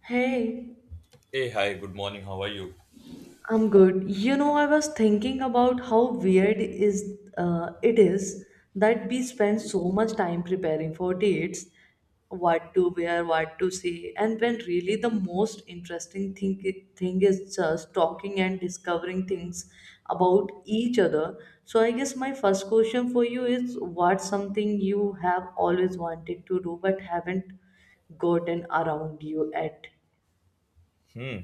Hey, Hey, hi, good morning. How are you? I'm good. You know, I was thinking about how weird is it is that we spend so much time preparing for dates, what to wear, what to say, and when really the most interesting thing is just talking and discovering things about each other. So I guess my first question for you is what's something you have always wanted to do but haven't gotten around you at? Hmm,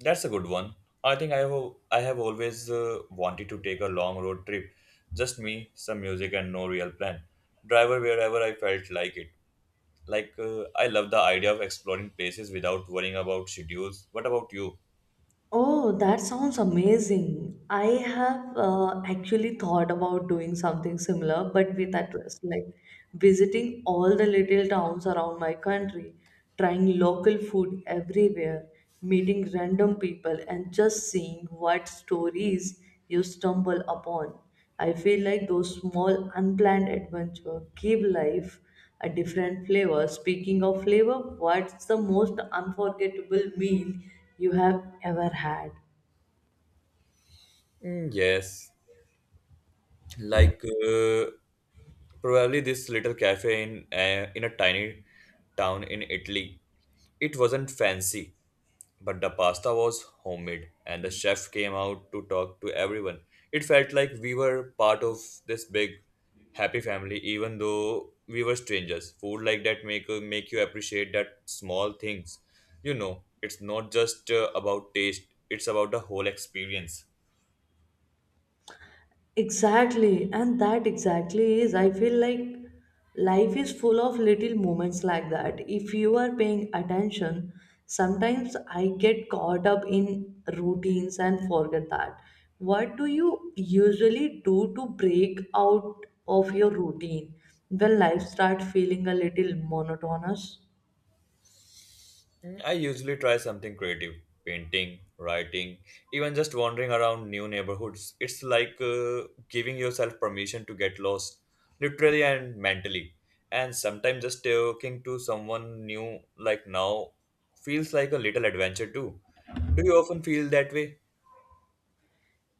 that's a good one. I think I have always wanted to take a long road trip. Just me, some music and no real plan. Driver wherever I felt like it. Like I love the idea of exploring places without worrying about schedules. What about you? Oh, that sounds amazing. I have actually thought about doing something similar, but with a twist, like visiting all the little towns around my country, trying local food everywhere, meeting random people, and just seeing what stories you stumble upon. I feel like those small, unplanned adventures give life a different flavor. Speaking of flavor, what's the most unforgettable meal you have ever had? Mm, yes, like uh, probably this little cafe in a tiny town in Italy. It wasn't fancy, but the pasta was homemade, and the chef came out to talk to everyone. It felt like we were part of this big, happy family, even though we were strangers. Food like that make you appreciate that small things. You know, it's not just about taste; it's about the whole experience. Exactly, and that exactly is. I feel like life is full of little moments like that. If you are paying attention, sometimes I get caught up in routines and forget that. What do you usually do to break out of your routine when life starts feeling a little monotonous? Mm, I usually try something creative painting, writing, even just wandering around new neighborhoods. It's like giving yourself permission to get lost, literally and mentally. And sometimes just talking to someone new, like now, feels like a little adventure too. Do you often feel that way?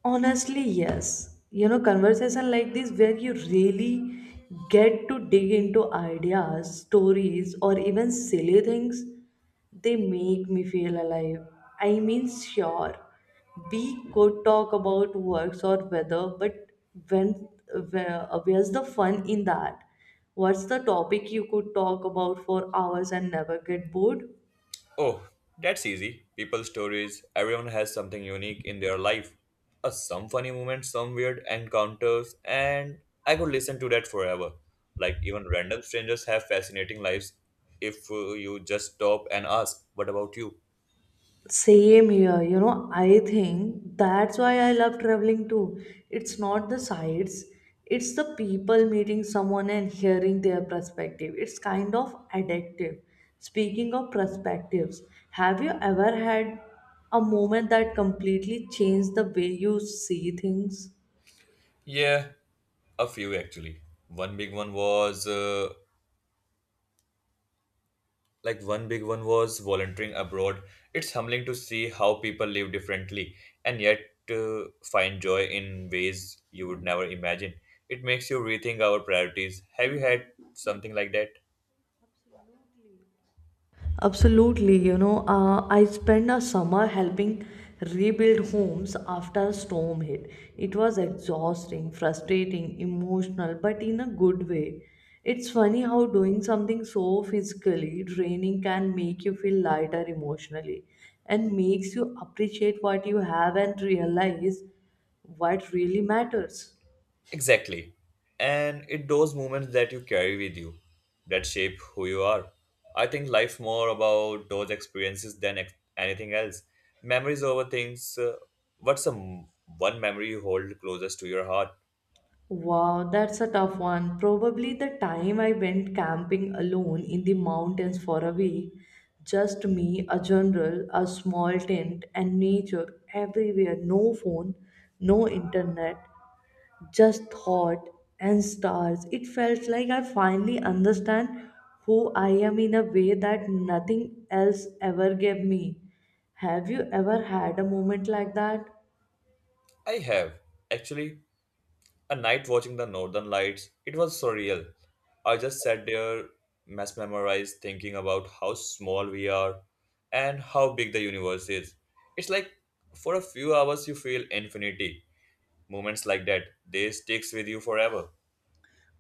Honestly, yes. You know, conversation like this where you really get to dig into ideas, stories, or even silly things, they make me feel alive. I mean, sure, we could talk about works or weather, but when where's the fun in that? What's the topic you could talk about for hours and never get bored? Oh, that's easy. People's stories, everyone has something unique in their life. Some funny moments, some weird encounters, and I could listen to that forever. Like, even random strangers have fascinating lives if you just stop and ask, what about you? Same here, you know, I think that's why I love traveling too. It's not the sights, it's the people meeting someone and hearing their perspective. It's kind of addictive. Speaking of perspectives, have you ever had a moment that completely changed the way you see things? Yeah, a few actually. One big one was volunteering abroad. It's humbling to see how people live differently and yet find joy in ways you would never imagine. It makes you rethink our priorities. Have you had something like that? Absolutely. Absolutely, I spent a summer helping rebuild homes after a storm hit. It was exhausting, frustrating, emotional, but in a good way. It's funny how doing something so physically draining can make you feel lighter emotionally and makes you appreciate what you have and realize what really matters. Exactly. And it those moments that you carry with you that shape who you are. I think life more about those experiences than anything else. Memories over things. What's the m- one memory you hold closest to your heart? Wow, that's a tough one. Probably the time I went camping alone in the mountains for a week. Just me, a journal, a small tent, and nature everywhere. No phone, no internet, just thought and stars. It felt like I finally understand who I am in a way that nothing else ever gave me. Have you ever had a moment like that? I have actually a night watching the northern lights, it was surreal. I just sat there, mesmerized, thinking about how small we are and how big the universe is. It's like for a few hours you feel infinity. Moments like that, they sticks with you forever.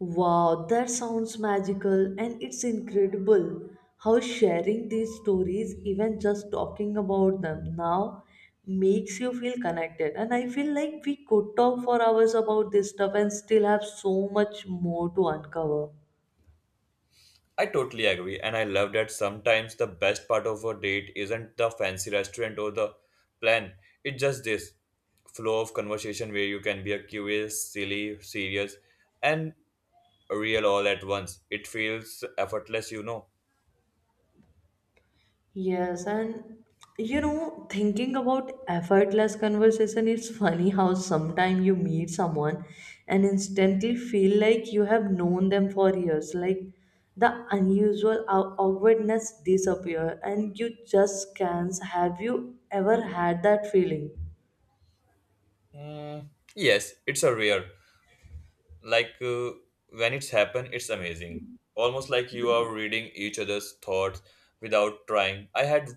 Wow, that sounds magical and it's incredible how sharing these stories, even just talking about them now, makes you feel connected. And I feel like we could talk for hours about this stuff and still have so much more to uncover. I totally agree, and I love that sometimes the best part of a date isn't the fancy restaurant or the plan. It's just this flow of conversation where you can be a curious, silly, serious, and real all at once. It feels effortless, you know. Yes, and you know, thinking about effortless conversation, it's funny how sometimes you meet someone and instantly feel like you have known them for years. Like the unusual awkwardness disappear, and you just can't. Have you ever had that feeling? Yes, it's a rare. Like when it's happened, it's amazing. Almost like you are reading each other's thoughts without trying. I had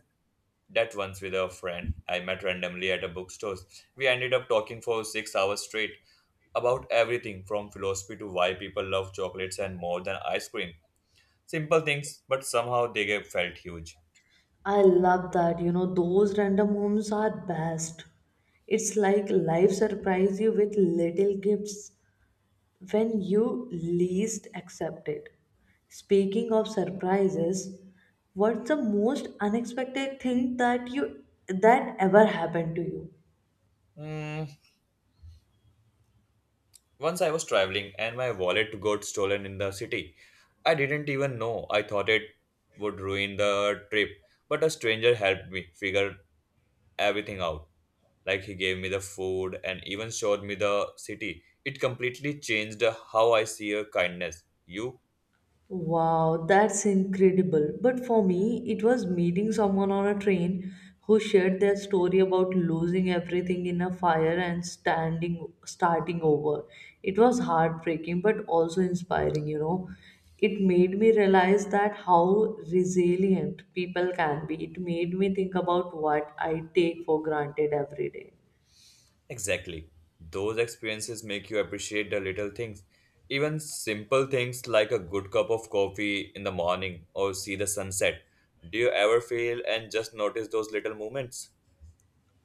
that once with a friend I met randomly at a bookstore. We ended up talking for 6 hours straight about everything from philosophy to why people love chocolates and more than ice cream. Simple things, but somehow they get felt huge. I love that. You know, those random homes are best. It's like life surprise you with little gifts when you least accept it. Speaking of surprises, what's the most unexpected thing that you that ever happened to you? Hmm, once I was traveling and my wallet got stolen in the city. I didn't even know. I thought it would ruin the trip, but a stranger helped me figure everything out. Like he gave me the food and even showed me the city. It completely changed how I see a kindness. You? Wow, that's incredible. But for me, it was meeting someone on a train who shared their story about losing everything in a fire and standing starting over. It was heartbreaking but also inspiring, you know. It made me realize that how resilient people can be. It made me think about what I take for granted every day. Exactly. Those experiences make you appreciate the little things. Even simple things like a good cup of coffee in the morning or see the sunset. Do you ever feel and just notice those little moments?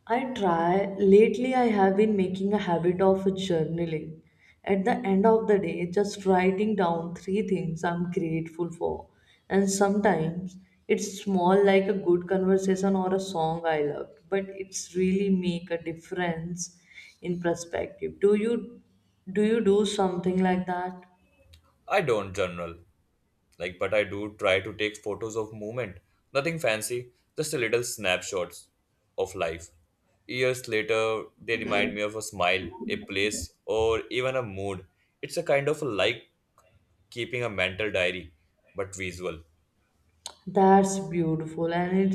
I try. Lately, I have been making a habit of journaling. At the end of the day, just writing down three things I'm grateful for. And sometimes it's small, like a good conversation or a song I loved, but it's really make a difference in perspective. Do you do something like that? I don't journal, like, but I do try to take photos of movement. Nothing fancy, just a little snapshots of life. Years later, they remind me of a smile, a place, or even a mood. It's a kind of like keeping a mental diary, but visual. That's beautiful, and it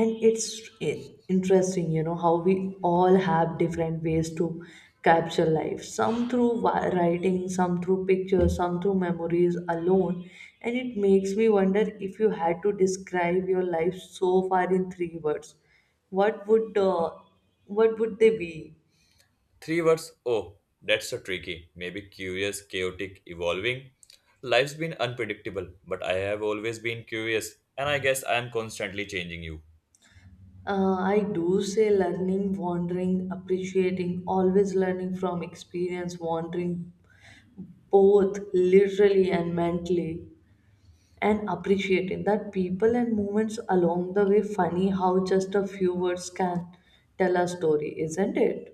and it's interesting, you know, how we all have different ways to capture life. Some through writing, some through pictures, some through memories alone. And it makes me wonder if you had to describe your life so far in three words, what would uh, what would they be? Three words, oh, that's so tricky. Maybe curious, chaotic, evolving. Life's been unpredictable, but I have always been curious, and I guess I am constantly changing you. I do say learning, wandering, appreciating, always learning from experience, wandering both literally and mentally, and appreciating that people and moments along the way. Funny how just a few words can tell a story, isn't it?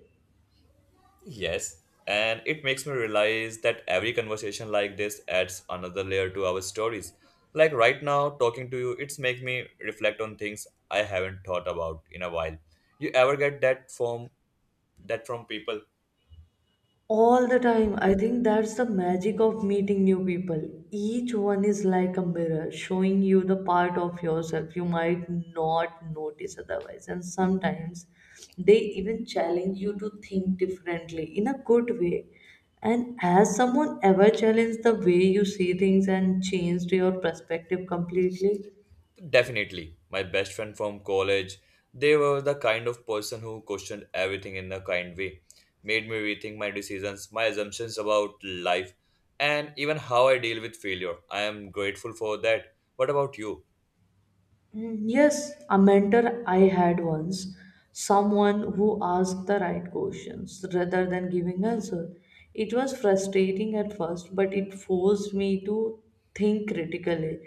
Yes, and it makes me realize that every conversation like this adds another layer to our stories. Like right now, talking to you, it's make me reflect on things I haven't thought about in a while. You ever get that from people? All the time. I think that's the magic of meeting new people. Each one is like a mirror, showing you the part of yourself you might not notice otherwise. And sometimes they even challenge you to think differently in a good way. And has someone ever challenged the way you see things and changed your perspective completely? Definitely. My best friend from college, they were the kind of person who questioned everything in a kind way, made me rethink my decisions, my assumptions about life, and even how I deal with failure. I am grateful for that. What about you? Mm, yes, a mentor I had once, someone who asked the right questions rather than giving answer. It was frustrating at first, but it forced me to think critically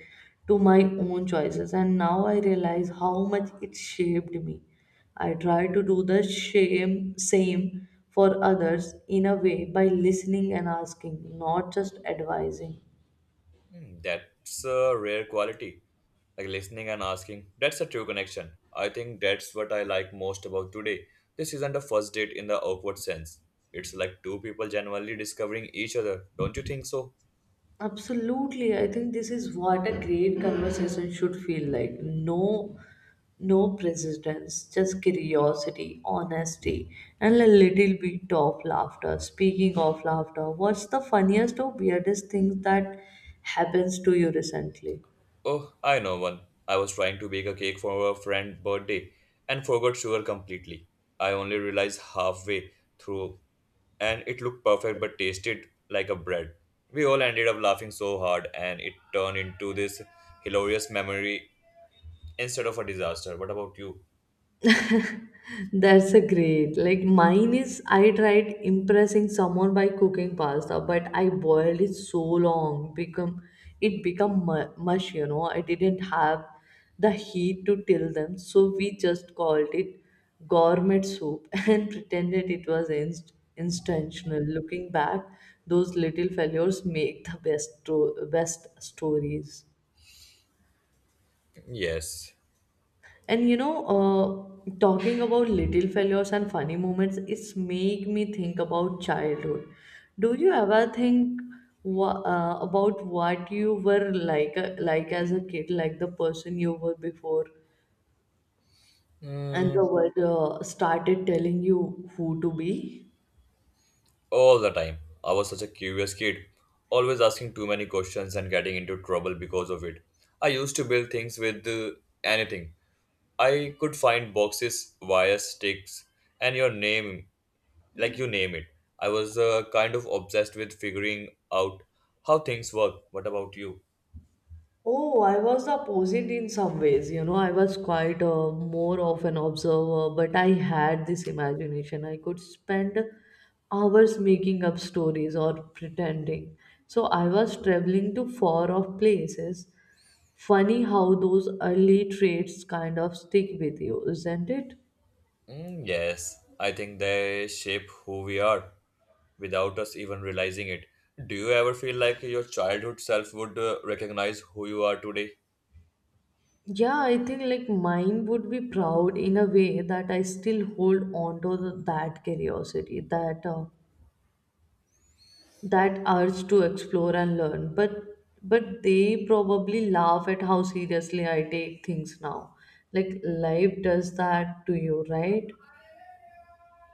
to my own choices, and now I realize how much it shaped me. I try to do the same for others in a way by listening and asking, not just advising. Hmm, that's a rare quality. Like listening and asking. That's a true connection. I think that's what I like most about today. This isn't a first date in the awkward sense. It's like two people genuinely discovering each other. Don't you think so? Absolutely. I think this is what a great conversation should feel like. No no presidents, just curiosity, honesty, and a little bit of laughter. Speaking of laughter, what's the funniest or weirdest thing that happens to you recently? Oh, I know one. I was trying to bake a cake for a friend's birthday and forgot sugar completely. I only realized halfway through and it looked perfect but tasted like a bread. We all ended up laughing so hard and it turned into this hilarious memory instead of a disaster. What about you? That's a great. Like mine is I tried impressing someone by cooking pasta, but I boiled it so long become it become mush, you know. I didn't have the heat to till them, so we just called it gourmet soup and pretended it was intentional. Looking back, those little failures make the best stories. Yes, And you know, talking about little failures and funny moments, it's make me think about childhood. Do you ever think about what you were like as a kid, like the person you were before, and the world started telling you who to be? all the time. I was such a curious kid, always asking too many questions and getting into trouble because of it. I used to build things with anything. I could find boxes, wires, sticks, and your name, like you name it. I was kind of obsessed with figuring out how things work. What about you? Oh, I was the opposite in some ways. You know, I was quite more of an observer, but I had this imagination. I could spend hours making up stories or pretending. So I was traveling to far off places. Funny how those early traits kind of stick with you, isn't it? Mm, yes, I think they shape who we are without us even realizing it. Do you ever feel like your childhood self would recognize who you are today? Yeah, I think like mine would be proud in a way that I still hold on to that curiosity, that urge to explore and learn, but they probably laugh at how seriously I take things now, like life does that to you, right?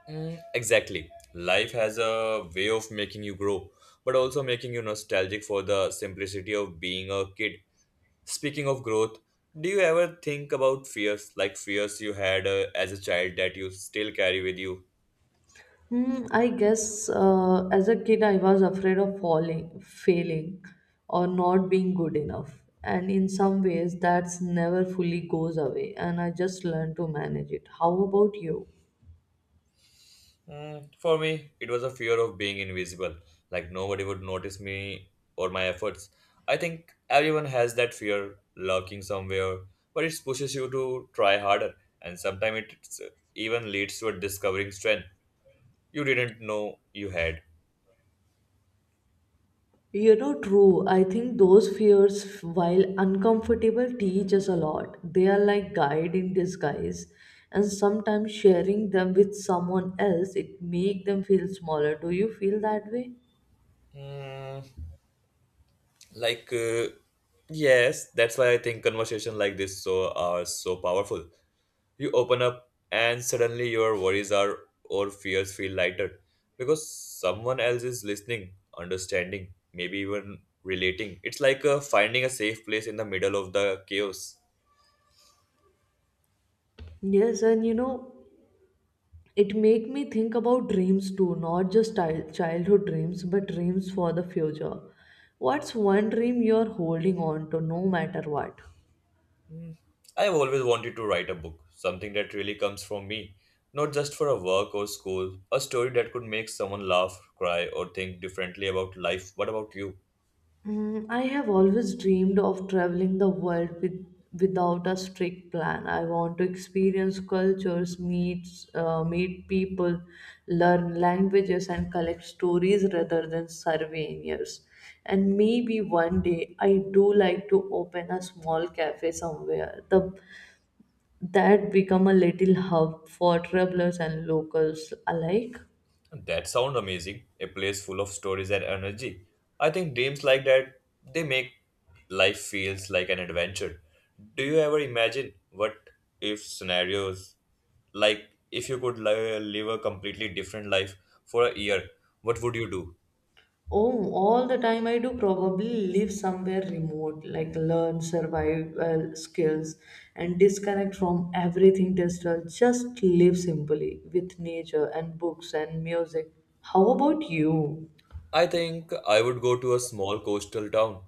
Mm, exactly. Life has a way of making you grow, but also making you nostalgic for the simplicity of being a kid. Speaking of growth, do you ever think about fears, like fears you had as a child that you still carry with you? Hmm, I guess as a kid, I was afraid of falling, failing, or not being good enough. And in some ways, that's never fully goes away, and I just learned to manage it. How about you? Mm, for me, it was a fear of being invisible, like nobody would notice me or my efforts. I think everyone has that fear lurking somewhere, but it pushes you to try harder, and sometimes it's even leads to a discovering strength you didn't know you had. You know, true. I think those fears, while uncomfortable, teach us a lot. They are like guide in disguise, and sometimes sharing them with someone else, it make them feel smaller. Do you feel that way? Mm, like, uh, yes, that's why I think conversation like this so are so powerful. You open up, and suddenly your worries are or fears feel lighter because someone else is listening, understanding, maybe even relating. It's like finding a safe place in the middle of the chaos. Yes, and you know, it make me think about dreams too, not just childhood dreams, but dreams for the future. What's one dream you're holding on to, no matter what? I've always wanted to write a book, something that really comes from me, not just for a work or school, a story that could make someone laugh, cry, or think differently about life. What about you? Mm, I have always dreamed of traveling the world without a strict plan. I want to experience cultures, meet people, learn languages, and collect stories rather than surveying years. And maybe one day I do like to open a small cafe somewhere. That become a little hub for travelers and locals alike. That sounds amazing. A place full of stories and energy. I think dreams like that they make life feels like an adventure. Do you ever imagine what if scenarios like if you could live a completely different life for a year, what would you do? Oh, all the time I do probably live somewhere remote, like learn survival skills and disconnect from everything digital. Just live simply with nature and books and music. How about you? I think I would go to a small coastal town,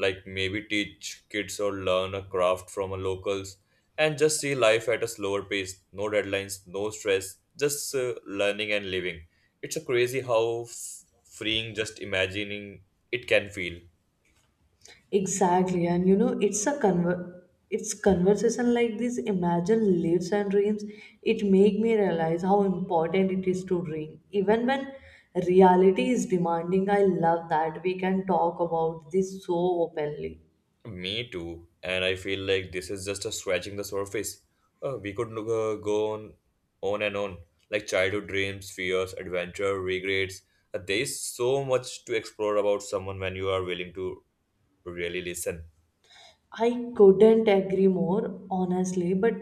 like maybe teach kids or learn a craft from a locals and just see life at a slower pace, no deadlines, no stress, just learning and living. It's a crazy how freeing just imagining it can feel. Exactly, and you know, it's conversation like this. Imagine lives and dreams. It make me realize how important it is to dream, even when reality is demanding. I love that we can talk about this so openly. Me too. And I feel like this is just a scratching the surface. We could go on and on, like childhood dreams, fears, adventure, regrets. There is so much to explore about someone when you are willing to really listen. I couldn't agree more, honestly, but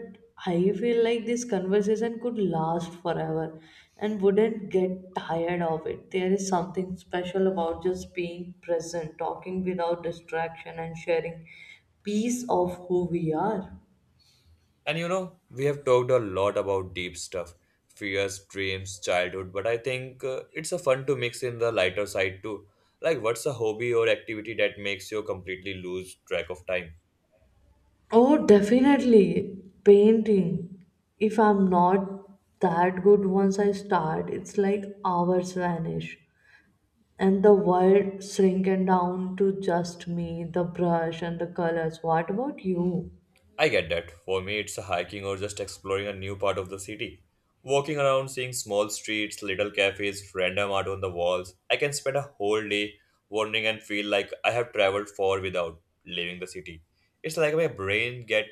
I feel like this conversation could last forever and wouldn't get tired of it. There is something special about just being present, talking without distraction, and sharing piece of who we are. And you know, we have talked a lot about deep stuff, fears, dreams, childhood, but I think it's a fun to mix in the lighter side too. Like, what's a hobby or activity that makes you completely lose track of time? Oh, definitely. Painting. If I'm not that good once I start, it's like hours vanish. And the world shrinking down to just me, the brush and the colors. What about you? I get that. For me, it's hiking or just exploring a new part of the city. Walking around, seeing small streets, little cafes, random art on the walls. I can spend a whole day wandering and feel like I have traveled far without leaving the city. It's like my brain get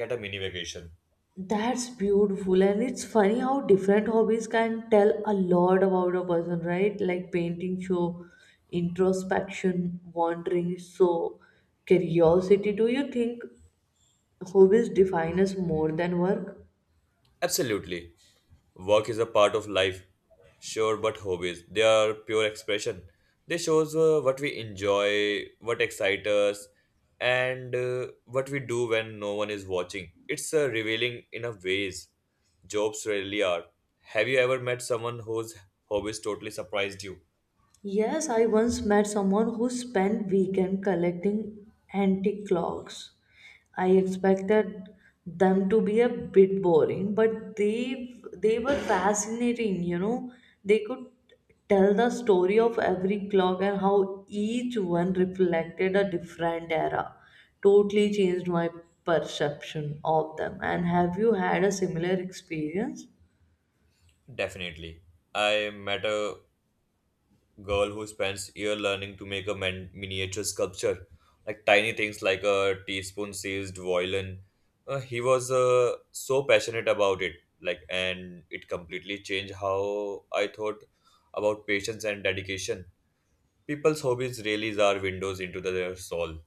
get a mini vacation. That's beautiful, and it's funny how different hobbies can tell a lot about a person, right? Like painting show introspection, wandering, so curiosity. Do you think hobbies define us more than work? Absolutely. Work is a part of life, sure, but hobbies, they are pure expression. They shows what we enjoy, what excites us, and what we do when no one is watching. It's revealing in a ways jobs rarely are. Have you ever met someone whose hobbies totally surprised you? Yes, I once met someone who spent weekend collecting antique clocks. I expected them to be a bit boring, but they were fascinating, you know. They could tell the story of every clock and how each one reflected a different era. Totally changed my perception of them. And have you had a similar experience? Definitely. I met a girl who spends year learning to make a miniature sculpture, like tiny things like a teaspoon sized violin. He was so passionate about it, like, and it completely changed how I thought about patience and dedication. People's hobbies really are windows into the, their soul.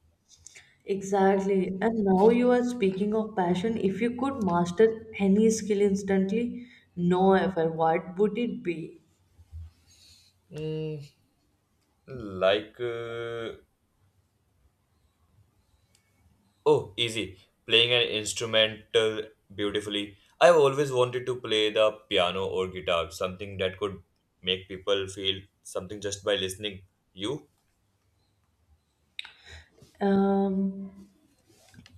Exactly. And now you are speaking of passion. If you could master any skill instantly, no effort, what would it be? Mm, like. Uh, Oh, easy. Playing an instrumental beautifully. I've always wanted to play the piano or guitar, something that could make people feel something just by listening. You? Um,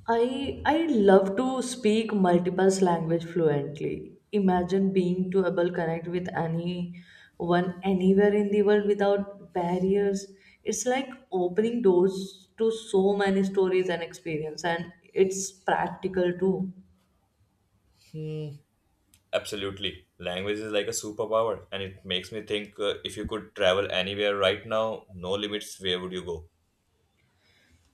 I love to speak multiple language fluently. Imagine being to able connect with anyone anywhere in the world without barriers. It's like opening doors to so many stories and experience, and it's practical too. Absolutely. Language is like a superpower, and it makes me think if you could travel anywhere right now, no limits, where would you go?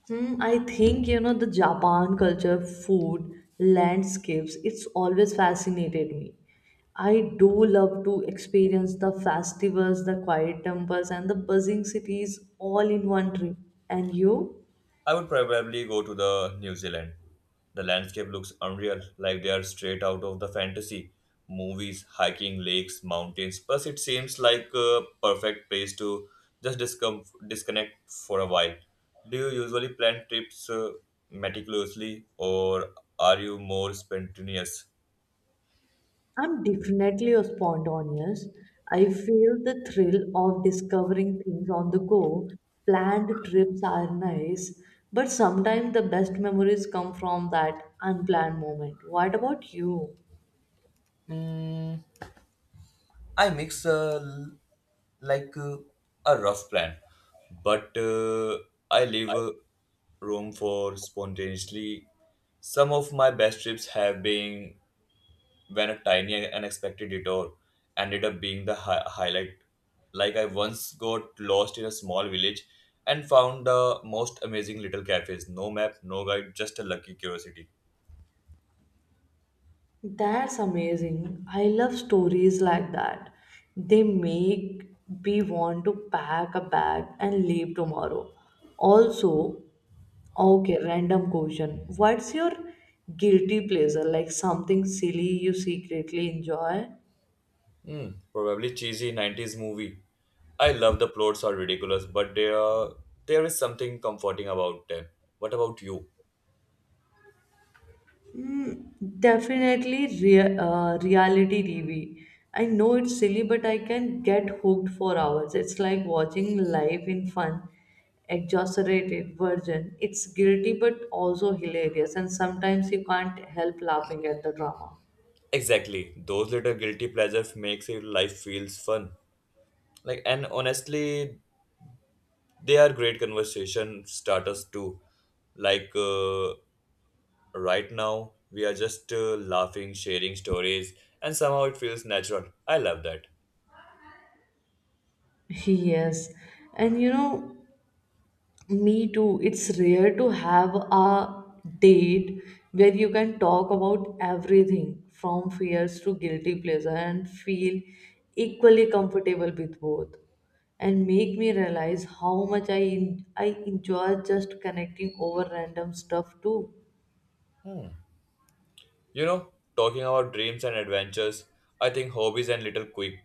Hmm, I think the Japan culture, food, landscapes. It's always fascinated me. I do love to experience the festivals, the quiet temples, and the buzzing cities all in one trip. And you? I would probably go to the New Zealand. The landscape looks unreal, like they are straight out of the fantasy movies, hiking lakes, mountains. Plus, it seems like a perfect place to just disconnect for a while. Do you usually plan trips meticulously, or are you more spontaneous? I'm definitely a spontaneous. I feel the thrill of discovering things on the go. Planned trips are nice, but sometimes the best memories come from that unplanned moment. What about you? Mm, I mix like a rough plan, but I leave room for spontaneously. Some of my best trips have been when a tiny and unexpected detour ended up being the highlight. Like I once got lost in a small village and found the most amazing little cafes. No map, no guide, just a lucky curiosity. That's amazing. I love stories like that. They make me want to pack a bag and leave tomorrow. Also, okay, random question. What's your guilty pleasure? Like something silly you secretly enjoy? Hmm, probably cheesy 90s movie. I love the plots are ridiculous, but there is something comforting about them. What about you? Mm, definitely reality TV. I know it's silly, but I can get hooked for hours. It's like watching life in fun, exaggerated version. It's guilty, but also hilarious, and sometimes you can't help laughing at the drama. Exactly. Those little guilty pleasures makes your life feels fun. Like and honestly, they are great conversation starters too. Like right now, we are just laughing, sharing stories, and somehow it feels natural. I love that. Yes, and you know, me too. It's rare to have a date where you can talk about everything from fears to guilty pleasure and feel equally comfortable with both. And make me realize how much I enjoy just connecting over random stuff too. Hmm. You know, talking about dreams and adventures, I think hobbies and little quick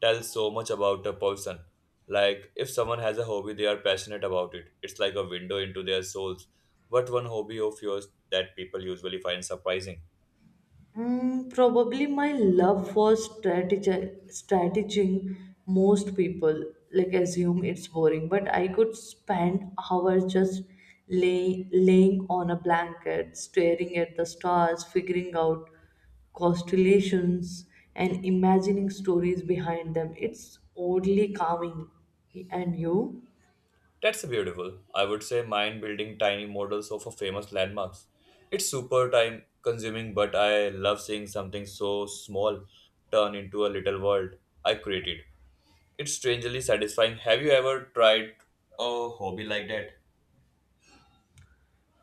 tell so much about a person. Like, if someone has a hobby, they are passionate about it. It's like a window into their souls. What one hobby of yours that people usually find surprising? Mm, probably my love for strategizing. Most people like assume it's boring, but I could spend hours just laying on a blanket, staring at the stars, figuring out constellations, and imagining stories behind them. It's oddly calming. And you? That's beautiful. I would say mine building tiny models of a famous landmarks. It's super time consuming, but I love seeing something so small turn into a little world I created. It's strangely satisfying. Have you ever tried a hobby like that?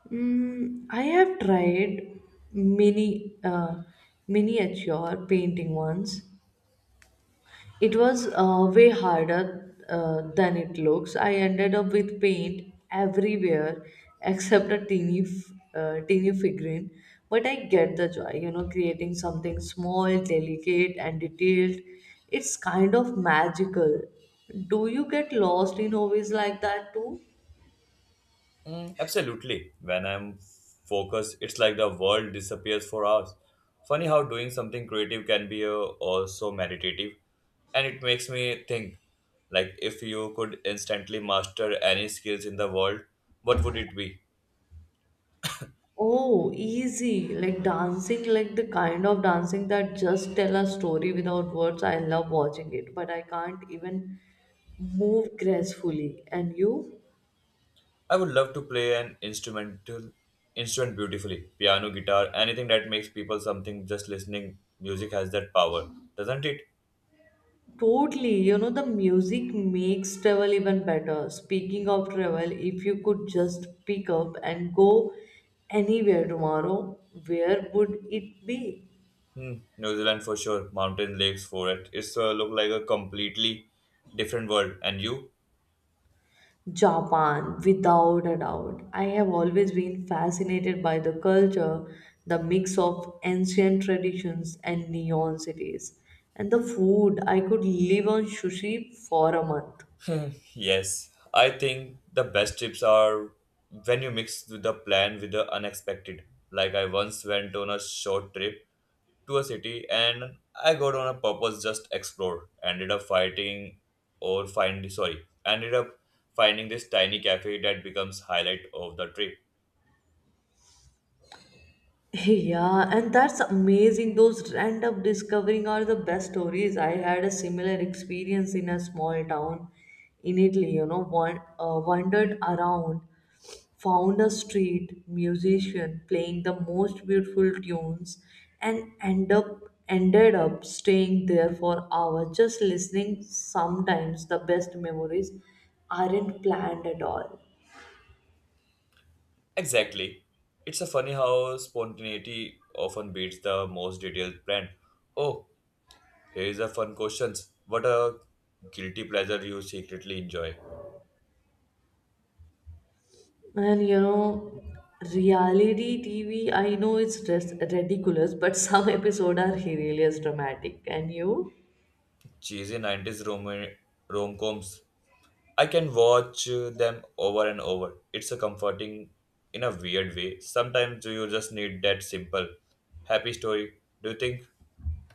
Mm, I have tried mini uh, miniature painting once. It was way harder than it looks. I ended up with paint everywhere except a teeny figurine. But I get the joy, creating something small, delicate, and detailed. It's kind of magical. Do you get lost in hobbies like that too? Mm, absolutely. When I'm focused, it's like the world disappears for hours. Funny how doing something creative can be also meditative, and it makes me think like if you could instantly master any skills in the world, what would it be? Oh, easy. Like dancing, like the kind of dancing that just tell a story without words. I love watching it, but I can't even move gracefully. And you? I would love to play an instrument beautifully, piano, guitar, anything that makes people something just listening music has that power, doesn't it? Totally. The music makes travel even better. Speaking of travel, if you could just pick up and go anywhere tomorrow, where would it be? Hmm, New Zealand for sure. Mountain lakes for it. It's look like a completely different world. And you? Japan, without a doubt. I have always been fascinated by the culture, the mix of ancient traditions and neon cities. And the food, I could live on sushi for a month. Yes, I think the best trips are when you mix with the plan with the unexpected. Like I once went on a short trip to a city and I got on a purpose just explore. Ended up finding this tiny cafe that becomes highlight of the trip. Hey, yeah, and that's amazing. Those random discovering are the best stories. I had a similar experience in a small town in Italy, wandered around, found a street musician playing the most beautiful tunes and ended up staying there for hours just listening. Sometimes the best memories aren't planned at all. Exactly. It's a funny how spontaneity often beats the most detailed plan. Oh, here's a fun question. What a guilty pleasure you secretly enjoy. And you know, reality TV, I know it's just ridiculous, but some episodes are hilarious, dramatic. And you? Cheesy 90s rom-coms. I can watch them over and over. It's a comforting in a weird way. Sometimes you just need that simple happy story. Do you think?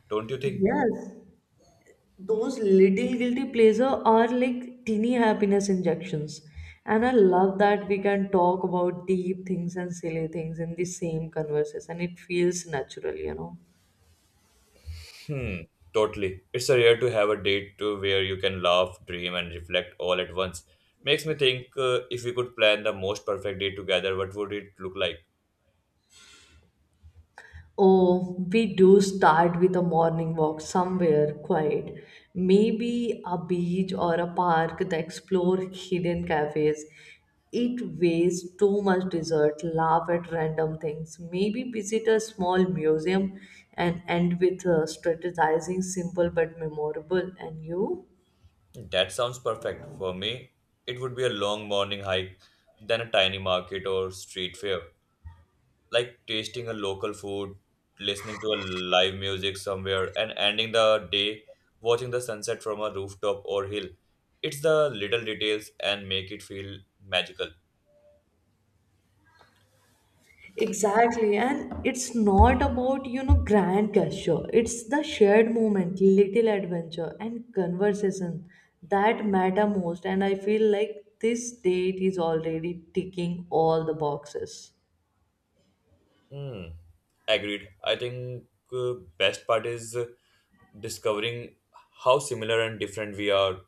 Don't you think? Yes, those little guilty pleasure are like teeny happiness injections. And I love that we can talk about deep things and silly things in the same conversation. It feels natural. Hmm, totally. It's a rare to have a date to where you can laugh, dream, and reflect all at once. Makes me think if we could plan the most perfect day together, what would it look like? Oh, we do start with a morning walk somewhere quiet, maybe a beach or a park that explore hidden cafes. It wastes too much dessert, laugh at random things, maybe visit a small museum and end with strategizing simple but memorable. And you? That sounds perfect. For me, it would be a long morning hike, then a tiny market or street fair. Like tasting a local food, listening to a live music somewhere, and ending the day watching the sunset from a rooftop or hill. It's the little details and make it feel magical. Exactly, and it's not about grand gesture. It's the shared moment, little adventure, and conversation that matter most. And I feel like this date is already ticking all the boxes. Hmm. Agreed. I think best part is discovering how similar and different we are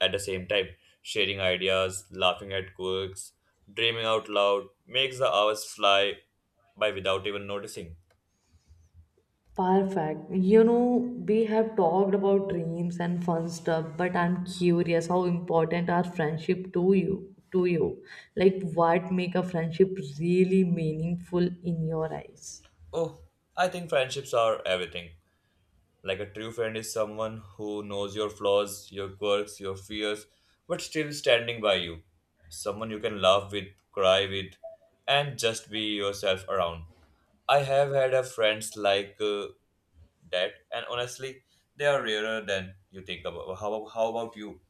at the same time. Sharing ideas, laughing at quirks, dreaming out loud makes the hours fly by without even noticing. Perfect. You know, we have talked about dreams and fun stuff, but I'm curious how important are friendship to you? Like what make a friendship really meaningful in your eyes? Oh, I think friendships are everything. Like a true friend is someone who knows your flaws, your quirks, your fears, but still standing by you. Someone you can laugh with, cry with, and just be yourself around. I have had a friends like that, and honestly, they are rarer than you think about. How about you?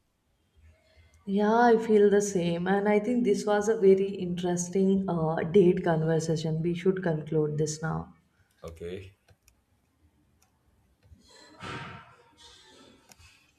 Yeah, I feel the same. And I think this was a very interesting date conversation. We should conclude this now. Okay.